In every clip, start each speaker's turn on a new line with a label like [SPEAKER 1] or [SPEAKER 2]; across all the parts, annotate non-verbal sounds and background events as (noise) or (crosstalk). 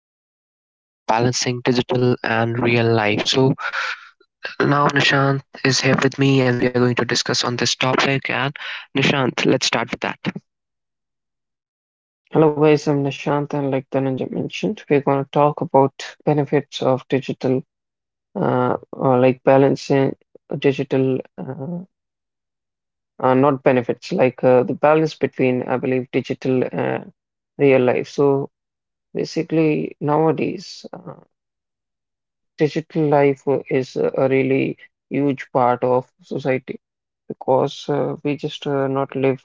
[SPEAKER 1] Going to talk about balancing digital and real life. So now Nishant is here with me and we are going to discuss on this topic, and Nishant, let's start with that.
[SPEAKER 2] Hello guys, I'm Nishant and like Dhananjay mentioned, we're going to talk about benefits of digital, uh, like balancing digital, not benefits, like the balance between, I believe, digital and real life. So basically, nowadays, digital life is a really huge part of society because we just not live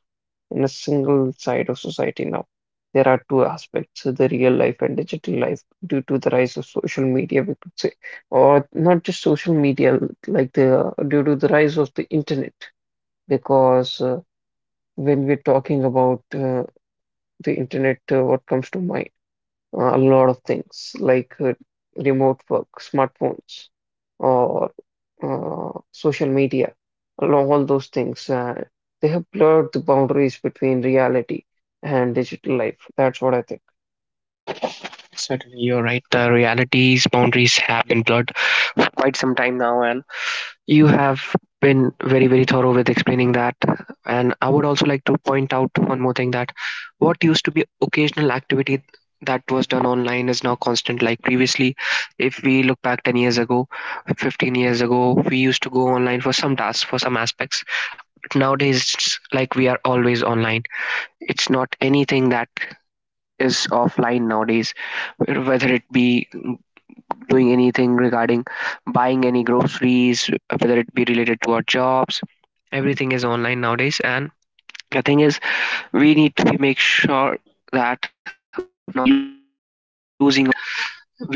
[SPEAKER 2] in a single side of society now. There are two aspects, the real life and digital life, due to the rise of social media, we could say, or not just social media, like the due to the rise of the internet. Because when we're talking about the internet, what comes to mind? A lot of things like remote work, smartphones, or social media, along all those things. They have blurred the boundaries between reality and digital life. That's what I think.
[SPEAKER 1] Certainly you're right, the realities boundaries have been blurred for quite some time now, and you have been very, very thorough with explaining that. And I would also like to point out one more thing, that what used to be occasional activity that was done online is now constant. Like previously, if we look back 10 years ago, 15 years ago, we used to go online for some tasks, for some aspects. But nowadays, it's like we are always online. It's not anything that is offline nowadays, whether it be doing anything regarding buying any groceries, whether it be related to our jobs. Everything is online nowadays, and the thing is, we need to make sure that we are not losing ourselves online.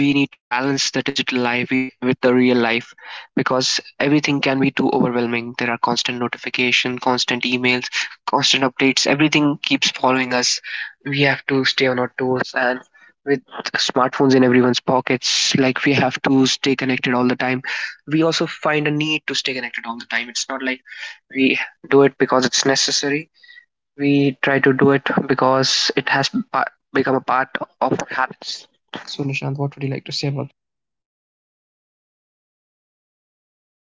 [SPEAKER 1] We need to balance the digital life with the real life, because everything can be too overwhelming. There are constant notification, constant emails, constant updates, everything keeps following us. We have to stay on our toes, and with smartphones in everyone's pockets, like we have to stay connected all the time. We also find a need to stay connected all the time. It's not like we do it because it's necessary. We try to do it because it has become a part of our habits. So, Nishant, what would you like to say about that?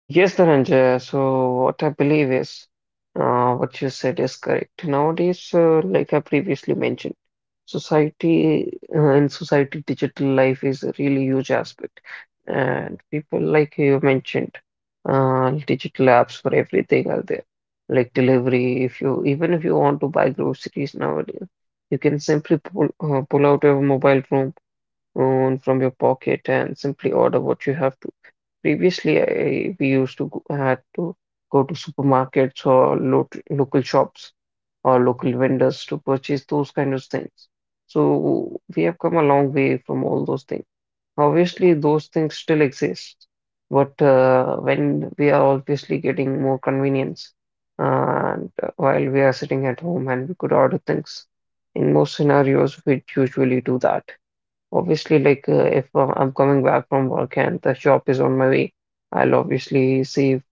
[SPEAKER 2] Yes, Dhananjay. So what I believe is what you said is correct. Nowadays, like I previously mentioned, society in society, digital life is a really huge aspect, and people like you mentioned, digital apps for everything are there, like delivery. If you even if you want to buy groceries nowadays, you can simply pull out your mobile phone from your pocket and simply order what you have to. Previously, we had to go to supermarkets or local shops or local vendors to purchase those kind of things. So we have come a long way from all those things. Obviously, those things still exist, but when we are obviously getting more convenience, and while we are sitting at home and we could order things, in most scenarios, we usually do that. Obviously, like if I'm coming back from work and the shop is on my way, I'll obviously save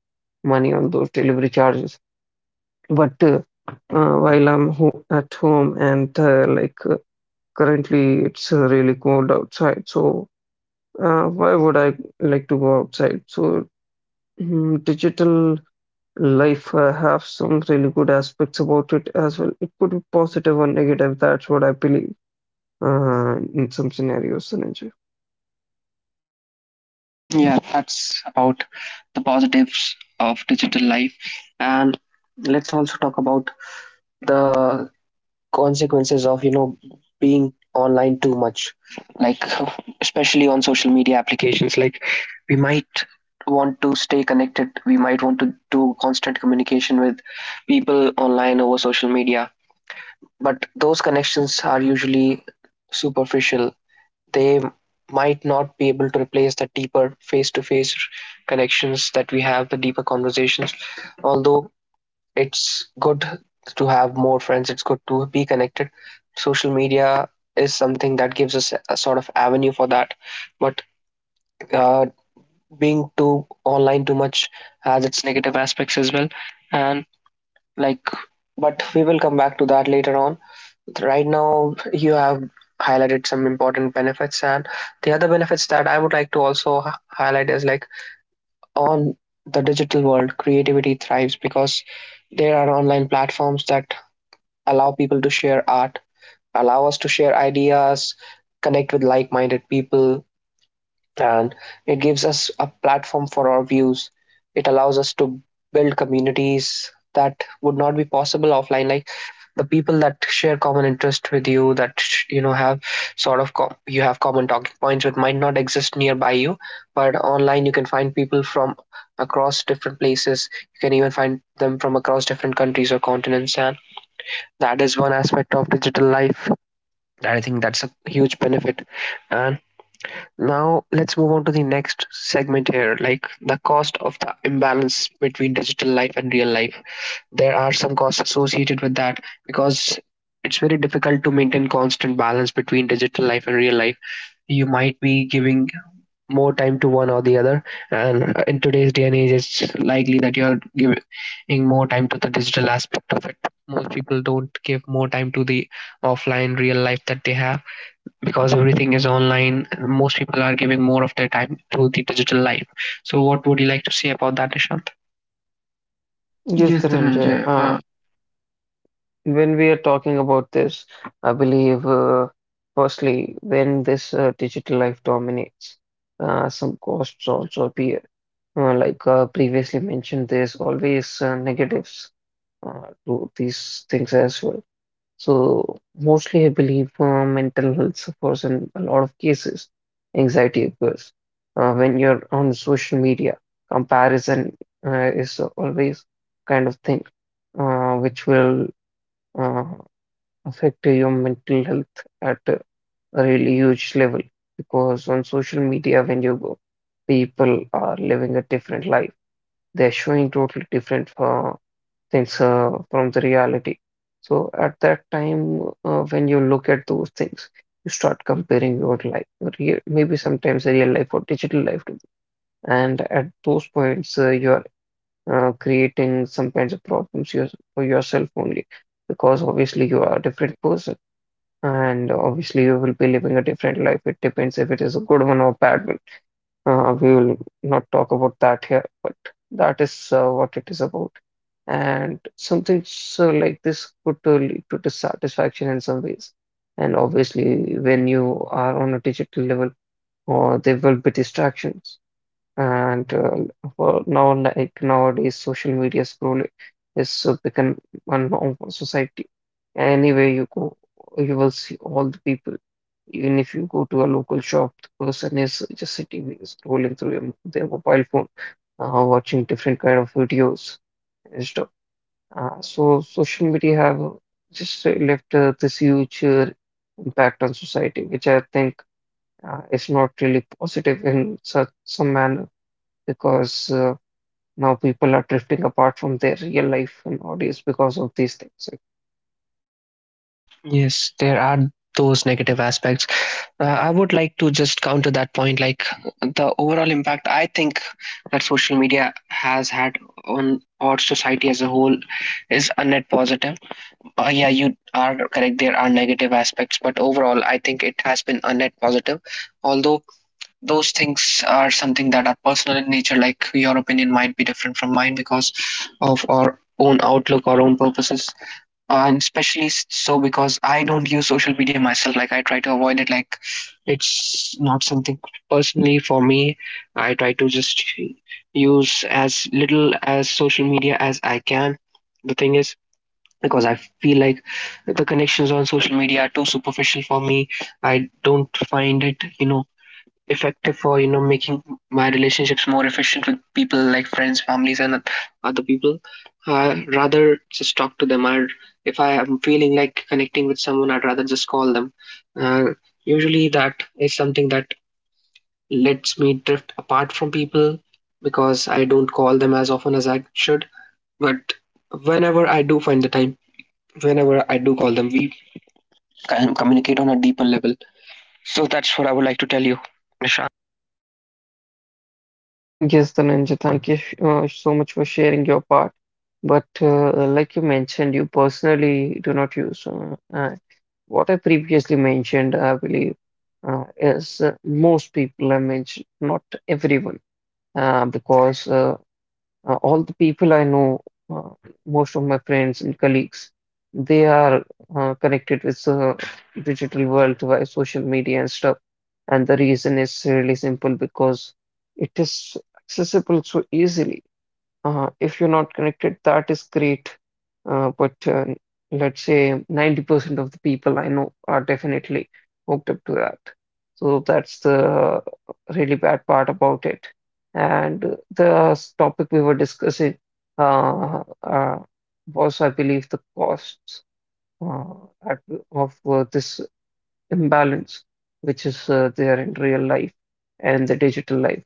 [SPEAKER 2] money on those delivery charges. But while I'm ho at home and like currently it's really cold outside, so why would I like to go outside? So digital life have some really good aspects about it as well. It could be positive or negative. That's what I believe in some scenarios, Sanjay.
[SPEAKER 1] Yeah, that's about the positives of digital life. And let's also talk about the consequences of, you know, being online too much. Like, especially on social media applications, like, we might want to stay connected, we might want to do constant communication with people online over social media. But those connections are usually superficial. They might not be able to replace the deeper face to face connections that we have, the deeper conversations. Although it's good to have more friends, it's good to be connected. Social media is something that gives us a sort of avenue for that. But uh, being too online too much has its negative aspects as well. And like, but we will come back to that later on. Right now you have highlighted some important benefits, and the other benefits that I would like to also highlight is like, on the digital world creativity thrives, because there are online platforms that allow people to share art, allow us to share ideas, connect with like-minded people, and it gives us a platform for our views. It allows us to build communities that would not be possible offline. Like the people that share common interest with you, that you know, have sort of you have common talking points that might not exist nearby you, but online you can find people from across different places. You can even find them from across different countries or continents, and that is one aspect of digital life. I think that's a huge benefit. And now let's move on to the next segment here, like the cost of the imbalance between digital life and real life. There are some costs associated with that, because it's very difficult to maintain constant balance between digital life and real life. You might be giving more time to one or the other, and in today's day and age it's likely that you're giving more time to the digital aspect of it. Most people don't give more time to the offline real life that they have. Because everything is online, most people are giving more of their time to the digital life. So what would you like to say about that, Nishant?
[SPEAKER 2] Yes,
[SPEAKER 1] Yes,
[SPEAKER 2] Dhananjay.
[SPEAKER 1] Dhananjay.
[SPEAKER 2] When we are talking about this, I believe, firstly, when this digital life dominates, some costs also appear. Like previously mentioned, there's always negatives to these things as well. So, mostly, I believe mental health suffers in a lot of cases. Anxiety occurs when you're on social media. Comparison is always kind of thing which will. uh, affect your mental health at a really huge level, because on social media, when you go, people are living a different life. They're showing totally different things from the reality. So at that time, when you look at those things, you start comparing your life, your real, maybe sometimes a real life or digital life to them. And at those points, you're creating some kinds of problems yours for yourself only, because obviously you are a different person, and obviously you will be living a different life. It depends if it is a good one or bad one. We will not talk about that here, but that is what it is about. And something so like this could to lead to dissatisfaction in some ways. And obviously, when you are on a digital level, or there will be distractions, and for now, like nowadays, social media scroll is become a norm for society. Anywhere you go, you will see all the people. Even if you go to a local shop, the person is just sitting there, scrolling through their mobile phone, watching different kind of videos and stuff. So social media have just left this huge impact on society, which I think is not really positive in such some manner, because now people are drifting apart from their real life nowadays because of these things.
[SPEAKER 1] Yes, there are those negative aspects. I would like to just counter that point. Like the overall impact, I think, that social media has had on our society as a whole is a net positive. Yeah, you are correct. There are negative aspects, but overall, I think it has been a net positive. Although those things are something that are personal in nature, like your opinion might be different from mine because of our own outlook, our own purposes. And especially so, because I don't use social media myself. Like I try to avoid it. Like it's not something personally for me. I try to just use as little as social media as I can. The thing is, because I feel like the connections on social media are too superficial for me. I don't find it, you know, effective for, you know, making my relationships more efficient with people like friends, families and other people. I rather just talk to them. I if I am feeling like connecting with someone, I'd rather just call them. uh, Usually that is something that lets me drift apart from people, because I don't call them as often as I should. But whenever I do find the time, whenever I do call them, we can communicate on a deeper level. So that's what I would like to tell you, Nisha.
[SPEAKER 2] Yes, Dhananjay, thank you so much for sharing your part. But like you mentioned, you personally do not use. What I previously mentioned, I believe, is most people I mentioned, not everyone, because all the people I know, uh, most of my friends and colleagues, they are connected with the digital world via social media and stuff. And the reason is really simple because it is accessible so easily. If you're not connected, that is great. But let's say 90% of the people I know are definitely hooked up to that. So that's the really bad part about it. And the topic we were discussing uh, uh, was, I believe, the costs, uh, at, of this imbalance, which is there in real life and the digital life.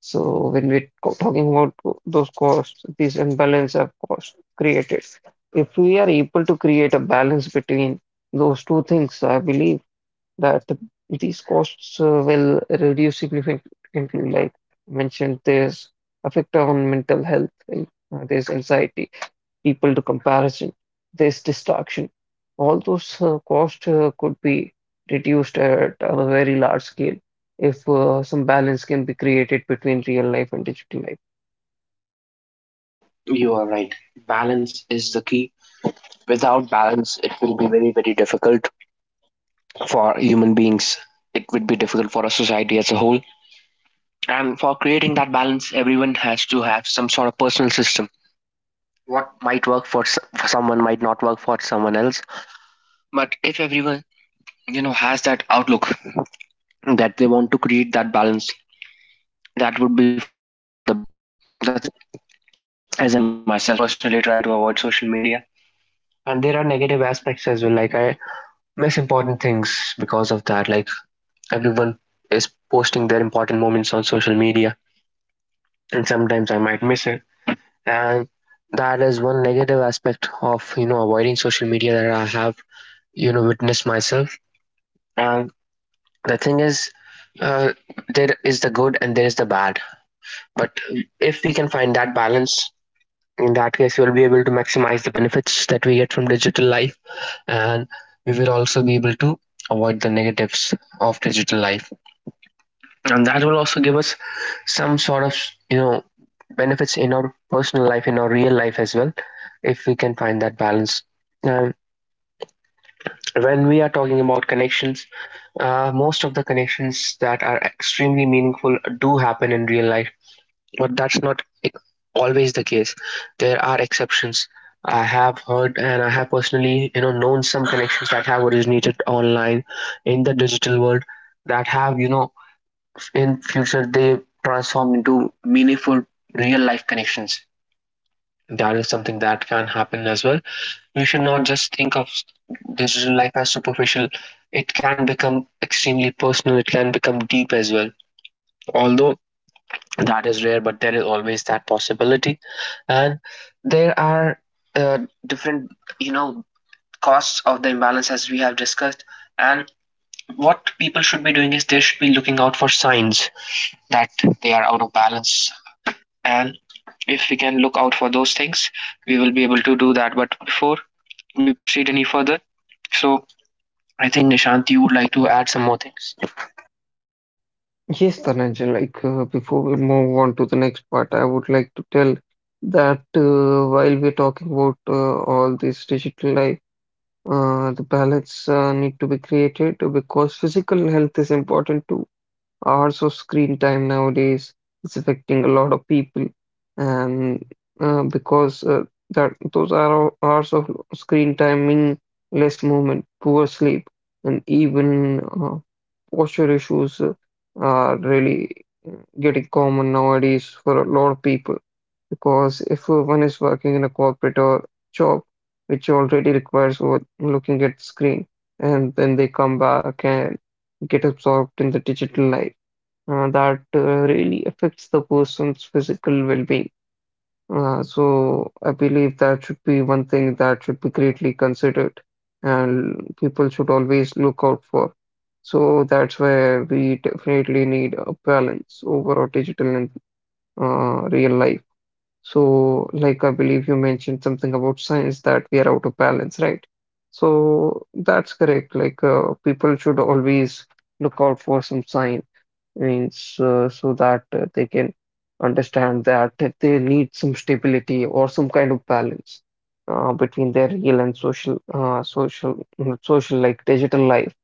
[SPEAKER 2] So when we're talking about those costs, these imbalance of cost created. If we are able to create a balance between those two things, I believe that these costs will reduce significantly. Like mentioned, there's effect on mental health, and there's anxiety, people to comparison. This distraction, all those costs could be reduced at a very large scale if some balance can be created between real life and digital life.
[SPEAKER 1] You are right. Balance is the key. Without balance, it will be very, very difficult for human beings. It would be difficult for a society as a whole. And for creating that balance, everyone has to have some sort of personal system. What might work for, for someone might not work for someone else. But if everyone, you know, has that outlook that they want to create that balance, that would be for the best. The thing is, as I mentioned myself, I personally try to avoid social media. And there are negative aspects as well. Like I miss important things because of that. Like everyone is posting their important moments on social media, and sometimes I might miss it. And that is one negative aspect of, you know, avoiding social media, that I have, you know, witnessed myself. And the thing is, there is the good and there is the bad. But if we can find that balance, in that case, we will be able to maximize the benefits that we get from digital life, and we will also be able to avoid the negatives of digital life. And that will also give us some sort of, you know, benefits in our personal life, in our real life as well, if we can find that balance. um, when we are talking about connections, most of the connections that are extremely meaningful do happen in real life, but that's not always the case. There are exceptions. I have heard and I have personally, you know, known some connections that have originated online, in the digital world, that have, you know, in future they transform into meaningful real life connections. That is something that can happen as well. We should not just think of digital life as superficial. It can become extremely personal, it can become deep as well. Although that is rare, but there is always that possibility. And there are uh, different, you know, costs of the imbalance, as we have discussed. And what people should be doing is they should be looking out for signs that they are out of balance, and if we can look out for those things, we will be able to do that. But before we proceed any further, so I think Nishant, you would like to add some more things.
[SPEAKER 2] Yes, Dhananjay, like before we move on to the next part, I would like to tell that while we're talking about all this digital life, the balance need to be created because physical health is important too. Hours of screen time nowadays is affecting a lot of people, and because that those are all hours of screen time mean less movement, poor sleep, and even posture issues are really getting common nowadays for a lot of people, because if one is working in a corporate or job which already requires looking at screen and then they come back and get absorbed in the digital life, that really affects the person's physical well-being. So I believe that should be one thing that should be greatly considered and people should always look out for. So that's where we definitely need a balance over our digital and real life. So, like I believe you mentioned something about science that we are out of balance, right? So that's correct. Like people should always look out for some signs, means, so that they can understand that they need some stability or some kind of balance between their real and social like digital life.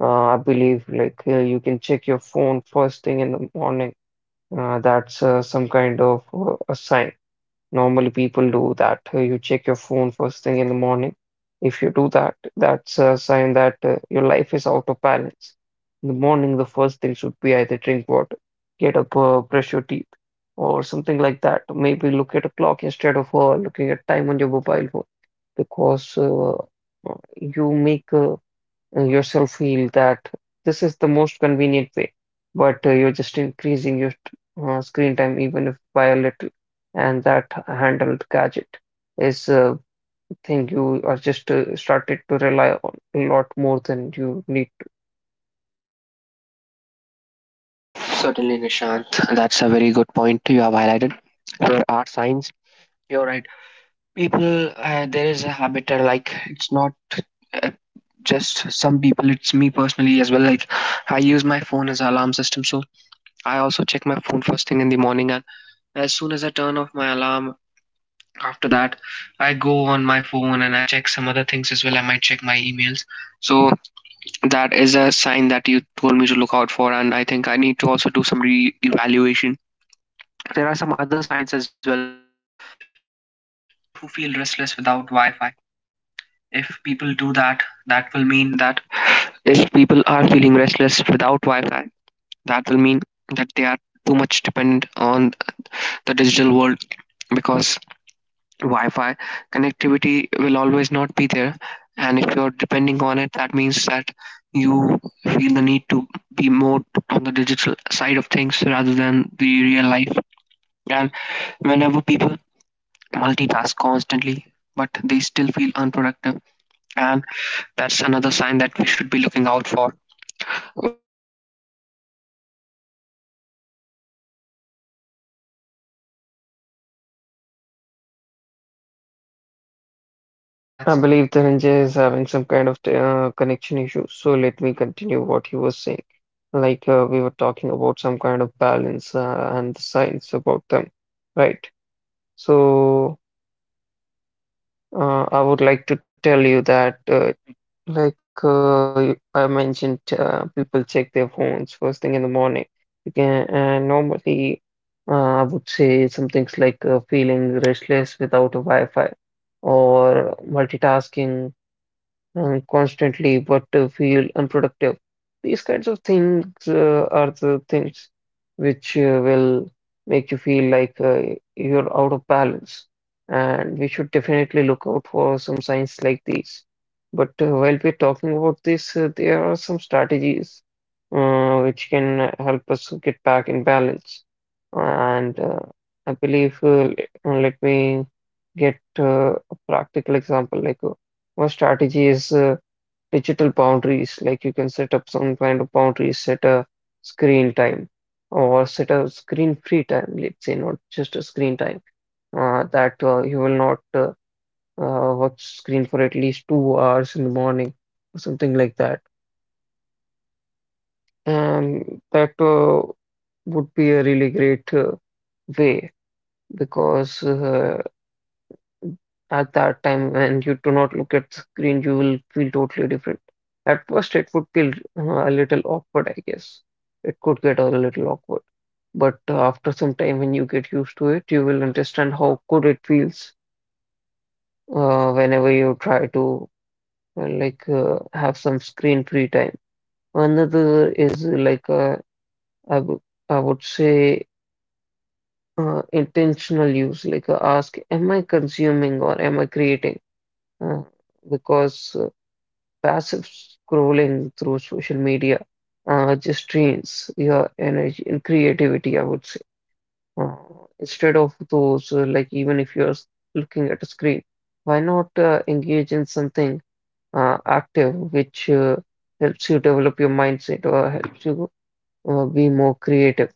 [SPEAKER 2] I believe like you can check your phone first thing in the morning. That's some kind of a sign. Normally, people do that. You check your phone first thing in the morning. If you do that, that's a sign that your life is out of balance. In the morning, the first thing should be either drink water, get up, brush your teeth, or something like that. Maybe look at a clock instead of looking at time on your mobile phone, because you make yourself feel that this is the most convenient way, but you're just increasing your screen time even if by a little, and that handheld gadget is a thing you are just started to rely on a lot more than you need to.
[SPEAKER 1] Certainly Nishant, that's a very good point you have highlighted. There are signs, you're right. People, there is a habit, like it's not uh, just some people, it's me personally as well. Like I use my phone as an alarm system, so I also check my phone first thing in the morning, and as soon as I turn off my alarm. After that, I go on my phone and I check some other things as well. I might check my emails. So that is a sign that you told me to look out for, and I think I need to also do some re-evaluation. There are some other signs as well, that people who feel restless without Wi-Fi. If people do that, that will mean that if people are feeling restless without Wi-Fi, that will mean that they are too much dependent on the digital world, because Wi-Fi connectivity will always not be there. And if you're depending on it, that means that you feel the need to be more on the digital side of things rather than the real life. And whenever people multitask constantly, but they still feel unproductive, and that's another sign that we should be looking out for.
[SPEAKER 2] I That's believe Dhananjay is having some kind of connection issue, so let me continue what he was saying. Like we were talking about some kind of balance and the science about them, right? So. I would like to tell you that, like I mentioned, people check their phones first thing in the morning. You can and normally, I would say some things like feeling restless without a Wi-Fi or multitasking constantly but feel unproductive. These kinds of things are the things which will make you feel like you're out of balance. And we should definitely look out for some signs like these. But while we're talking about this, there are some strategies which can help us to get back in balance. And I believe, let me get a practical example. Like, one strategy is digital boundaries, like you can set up some kind of boundaries, set a screen time or set a screen free time, let's say, not just a screen time, that you will not watch screen for at least 2 hours in the morning or something like that. And that would be a really great way because at that time, when you do not look at screen, you will feel totally different. At first, it would feel a little awkward, I guess. It could get a little awkward. But after some time, when you get used to it, you will understand how good it feels whenever you try to have some screen free time. Another is I wou- I would say intentional use, like ask, am I consuming or am I creating? Uh, because passive scrolling through social media just drains your energy and creativity, I would say. Uh, Instead of those, like even if you're looking at a screen, why not engage in something active which helps you develop your mindset or helps you be more creative?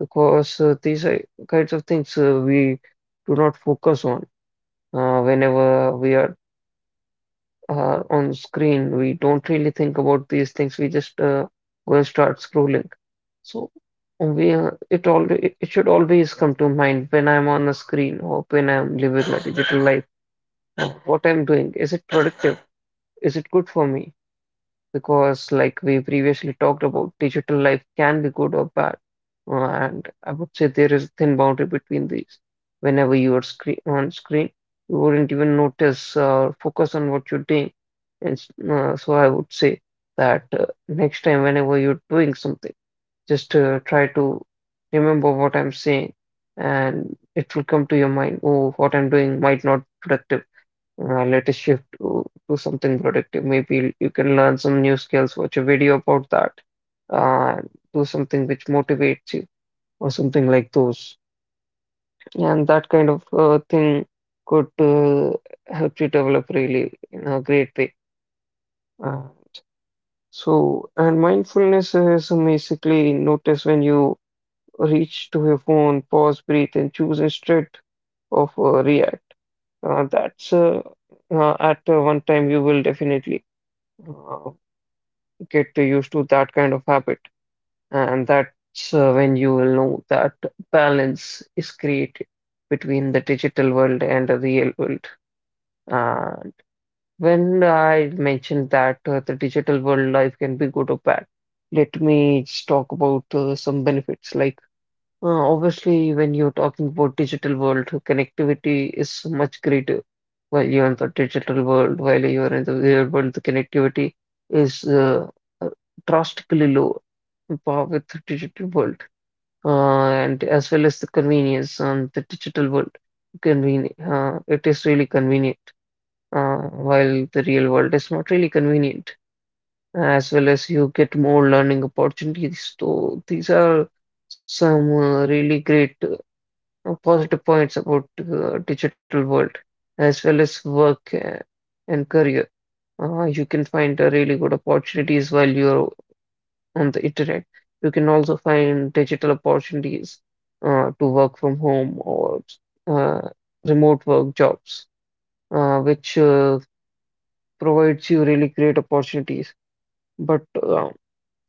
[SPEAKER 2] Because these are kinds of things we do not focus on whenever we are on screen. We don't really think about these things. We just go and start scrolling. So we it should always come to mind when I'm on a screen or when I'm living my digital life. What I'm doing, is it productive? Is it good for me? Because like we previously talked about, digital life can be good or bad. And I would say there is a thin boundary between these. Whenever you are screen on screen, you wouldn't even notice or focus on what you're doing. So I would say that next time whenever you're doing something, just try to remember what I'm saying, and it will come to your mind, oh, what I'm doing might not be productive. Let us shift to something productive. Maybe you can learn some new skills, watch a video about that, uh, do something which motivates you, or something like those. And that kind of thing could help you develop really in a great way. Uh, and mindfulness is basically notice when you reach to your phone, pause, breathe, and choose instead of react. That's at one time you will definitely. Uh, get used to that kind of habit, and that's when you will know that balance is created between the digital world and the real world. And when I mentioned that the digital world life can be good or bad, let me just talk about some benefits like obviously, when you're talking about digital world, connectivity is much greater. While you're in the digital world, while you're in the real world, the connectivity is uh, drastically low par with the digital world, and as well as the convenience on the digital world. Convenient, it is really convenient, uh, while the real world is not really convenient. As well as you get more learning opportunities. So these are some really great positive points about digital world as well as work and career. You can find really good opportunities while you're on the internet. You can also find digital opportunities to work from home or uh, remote work jobs, which provides you really great opportunities. But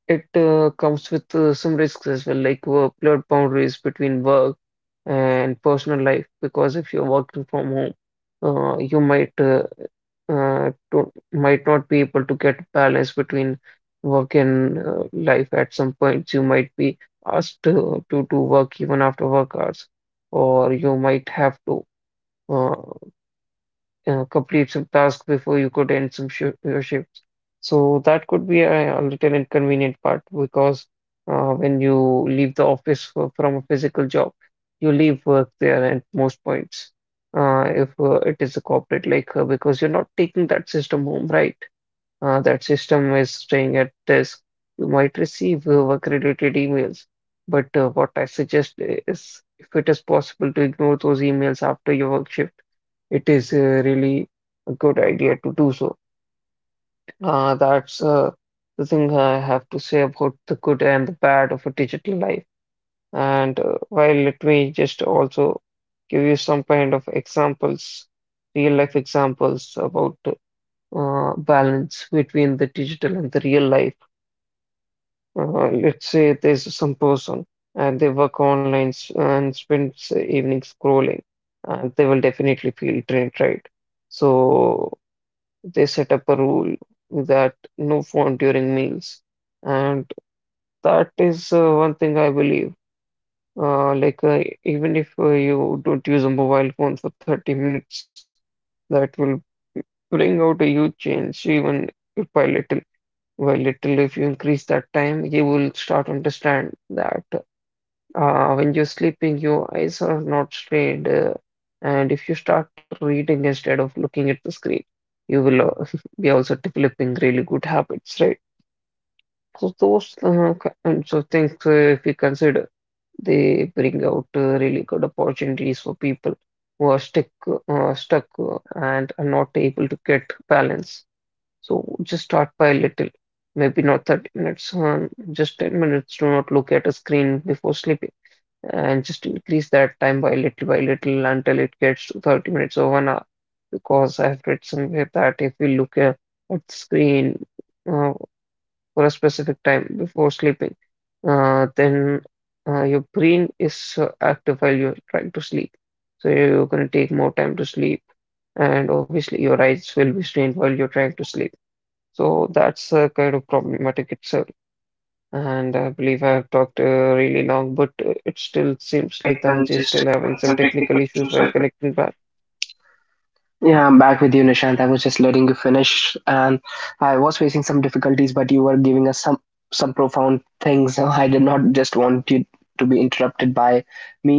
[SPEAKER 2] it comes with some risks as well, like workload boundaries between work and personal life because if you're working from home, you might might not be able to get balance between work and life. At some points, you might be asked to do work even after work hours, or you might have to. Uh, Complete some tasks before you could end some shi your shifts. So that could be a little inconvenient part because when you leave the office from a physical job, you leave work there at most points. If it is a corporate like because you're not taking that system home, right? That system is staying at desk. You might receive work-related emails, but what I suggest is if it is possible to ignore those emails after your work shift, it is really a good idea to do so. That's The thing I have to say about the good and the bad of a digital life. And While let me just also give you some kind of examples, real life examples about balance between the digital and the real life. Let's say there's some person and they work online and spends evening scrolling, and they will definitely feel drained, right? So they set up a rule that no phone during meals. And that is one thing I believe. Like, even if you don't use a mobile phone for 30 minutes, that will bring out a huge change, even if by little. By little, if you increase that time, you will start understand that. When you're sleeping, your eyes are not strained, and if you start reading instead of looking at the screen, you will (laughs) be also developing really good habits, right? So those kinds of things, if you consider, they bring out really good opportunities for people who are stuck, and are not able to get balance. So just start by little, maybe not 30 minutes, just 10 minutes. Do not look at a screen before sleeping, and just increase that time by little until it gets to 30 minutes or 1 hour. Because I've read somewhere that if we look at the screen uh, for a specific time before sleeping, then your brain is active while you're trying to sleep. So you're going to take more time to sleep, and obviously your eyes will be strained while you're trying to sleep. So that's kind of problematic. It's and I believe I have talked really long, but it still seems like Dhananjay is still having some technical issues while connecting back.
[SPEAKER 1] Yeah, I'm back with you, Nishant. I was just letting you finish, and I was facing some difficulties, but you were giving us some profound things. (laughs) So I did not just want you to be interrupted by me,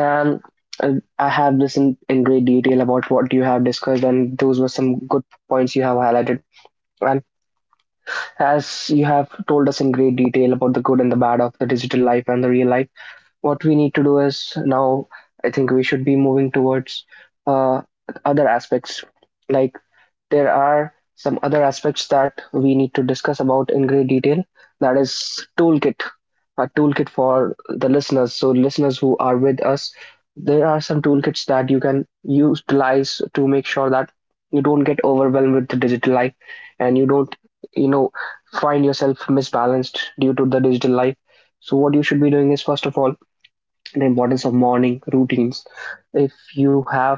[SPEAKER 1] and I have listened in great detail about what you have discussed, and those were some good points you have highlighted. And as you have told us in great detail about the good and the bad of the digital life and the real life, what we need to do is now I think we should be moving towards uh, other aspects, like there are some other aspects that we need to discuss about in great detail. That is toolkit, a toolkit for the listeners. So listeners who are with us, there are some toolkits that you can utilize to make sure that you don't get overwhelmed with the digital life and you don't, you know, find yourself misbalanced due to the digital life. So what you should be doing is, first of all, the importance of morning routines. If you have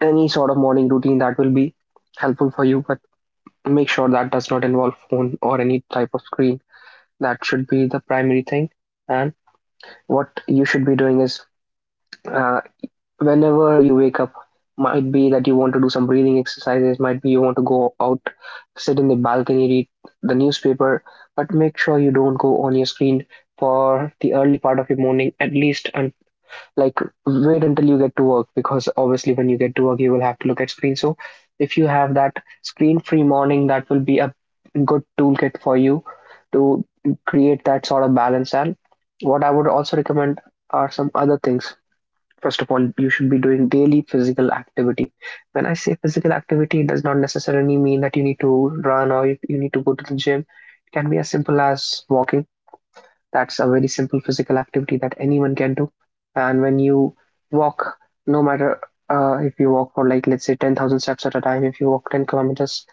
[SPEAKER 1] any sort of morning routine, that will be helpful for you, but make sure that does not involve phone or any type of screen. That should be the primary thing. And what you should be doing is, uh, whenever you wake up, might be that you want to do some breathing exercises, might be you want to go out, sit in the balcony, read the newspaper, but make sure you don't go on your screen for the early part of your morning at least, and like wait until you get to work, because obviously when you get to work you will have to look at screen. So if you have that screen free morning, that will be a good toolkit for you to create that sort of balance. And what I would also recommend are some other things. First of all, you should be doing daily physical activity. When I say physical activity, it does not necessarily mean that you need to run or you need to go to the gym. It can be as simple as walking. That's a very simple physical activity that anyone can do. And when you walk, no matter if you walk for, like, let's say 10,000 steps at a time, if you walk 10 kilometers,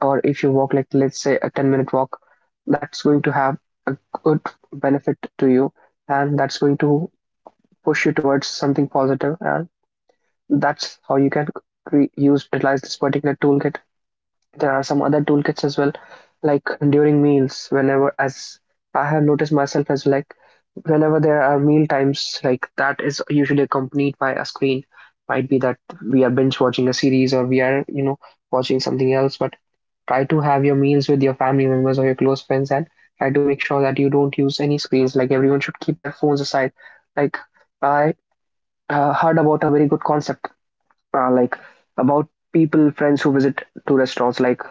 [SPEAKER 1] or if you walk like let's say a 10-minute walk, that's going to have a good benefit to you, and that's going to push you towards something positive, and that's how you can use utilize this particular toolkit. There are some other toolkits as well, like during meals, whenever, as I have noticed myself as well, like whenever there are meal times, like that is usually accompanied by a screen. Might be that we are binge watching a series, or we are, you know, watching something else, but try to have your meals with your family members or your close friends, and try to make sure that you don't use any screens. Like everyone should keep their phones aside. Like I heard about a very good concept, like about people, friends who visit to restaurants. Like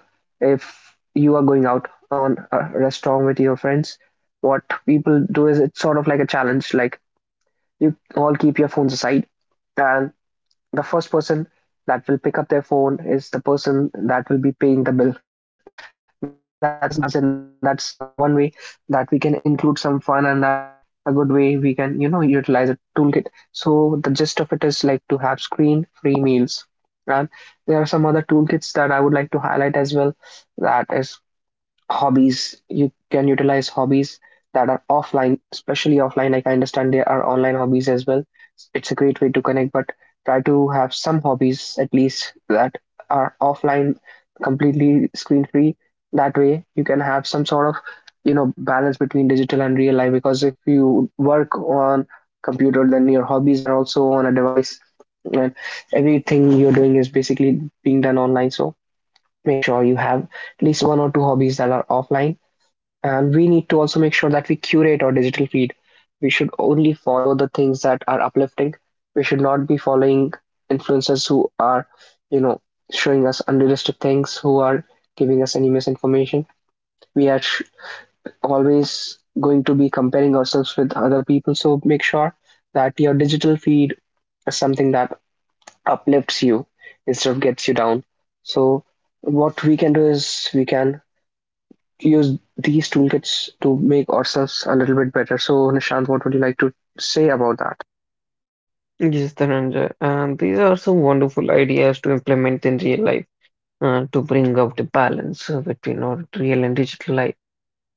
[SPEAKER 1] if you are going out on a restaurant with your friends, what people do is it's sort of like a challenge. Like you all keep your phones aside, and the first person that will pick up their phone is the person that will be paying the bill. (laughs) So that's a good challenge, and that's one way that we can include some fun, and that's a good way we can, you know, utilize a toolkit. So the gist of it is like to have screen-free meals. And there are some other toolkits that I would like to highlight as well. That is hobbies. You can utilize hobbies that are offline, especially offline. Like I understand there are online as well, it's a great way to connect, but try to have some hobbies at least that are offline, completely screen free. That way you can have some sort of, you know, balance between digital and real life, because if you work on computer, then your hobbies are also on a device, and everything you're doing is basically being done online. So make sure you have at least one or two hobbies that are offline. And we need to also make sure that we curate our digital feed. We should only follow the things that are uplifting. We should not be following influencers who are, you know, showing us unrealistic things, who are giving us any misinformation. We are always going to be comparing ourselves with other people. So make sure that your digital feed is something that uplifts you instead of gets you down. So what we can do is we can use these toolkits to make ourselves a little bit better. So, Nishant, what would you like to say about that?
[SPEAKER 2] Yes, Dhananjay. And these are some wonderful ideas to implement in real life to bring out the balance between our real and digital life.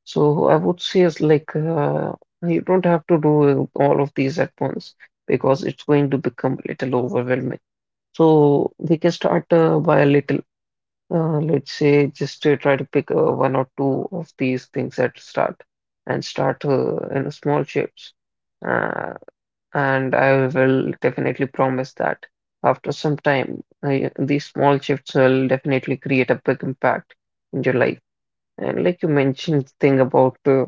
[SPEAKER 2] So I would say it's like you don't have to do all of these at once because it's going to become a little overwhelming. So we can start by a little. Let's say just try to pick one or two of these things at start, and start in small shifts. Uh, and I will definitely promise that after some time, these small shifts will definitely create a big impact in your life. And like you mentioned, thing about uh,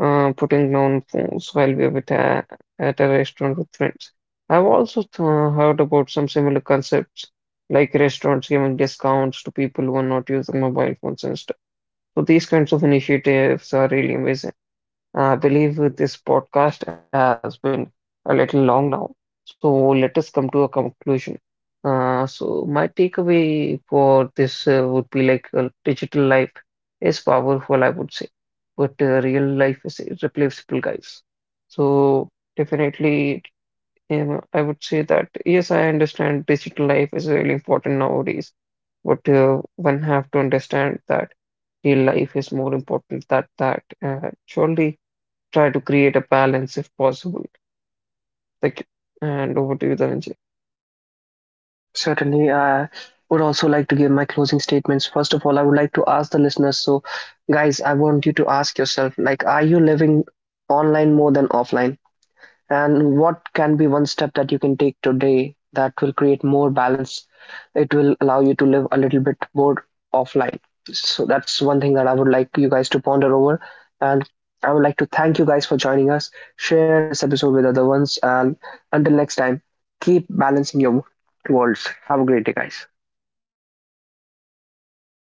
[SPEAKER 2] uh, putting down phones while we were at a restaurant with friends. I've also heard about some similar concepts, like restaurants giving discounts to people who are not using mobile phones and stuff. So these kinds of initiatives are really amazing. I believe this podcast has been a little long now, so let us come to a conclusion. So my takeaway for this would be like digital life is powerful, I would say, but real life is irreplaceable, guys. So definitely, I would say that yes, I understand digital life is really important nowadays, but one have to understand that real life is more important than that. Surely try to create a balance if possible. Like, and over to you, Dhananjay.
[SPEAKER 1] Certainly, I would also like to give my closing statements. First of all, I would like to ask the listeners. So, guys, I want you to ask yourself, like, are you living online more than offline? And what can be one step that you can take today that will create more balance, it will allow you to live a little bit more offline? So that's one thing that I would like you guys to ponder over. And I would like to thank you guys for joining us. Share this episode with other ones, and until next time, keep balancing your worlds. Have a great day, guys.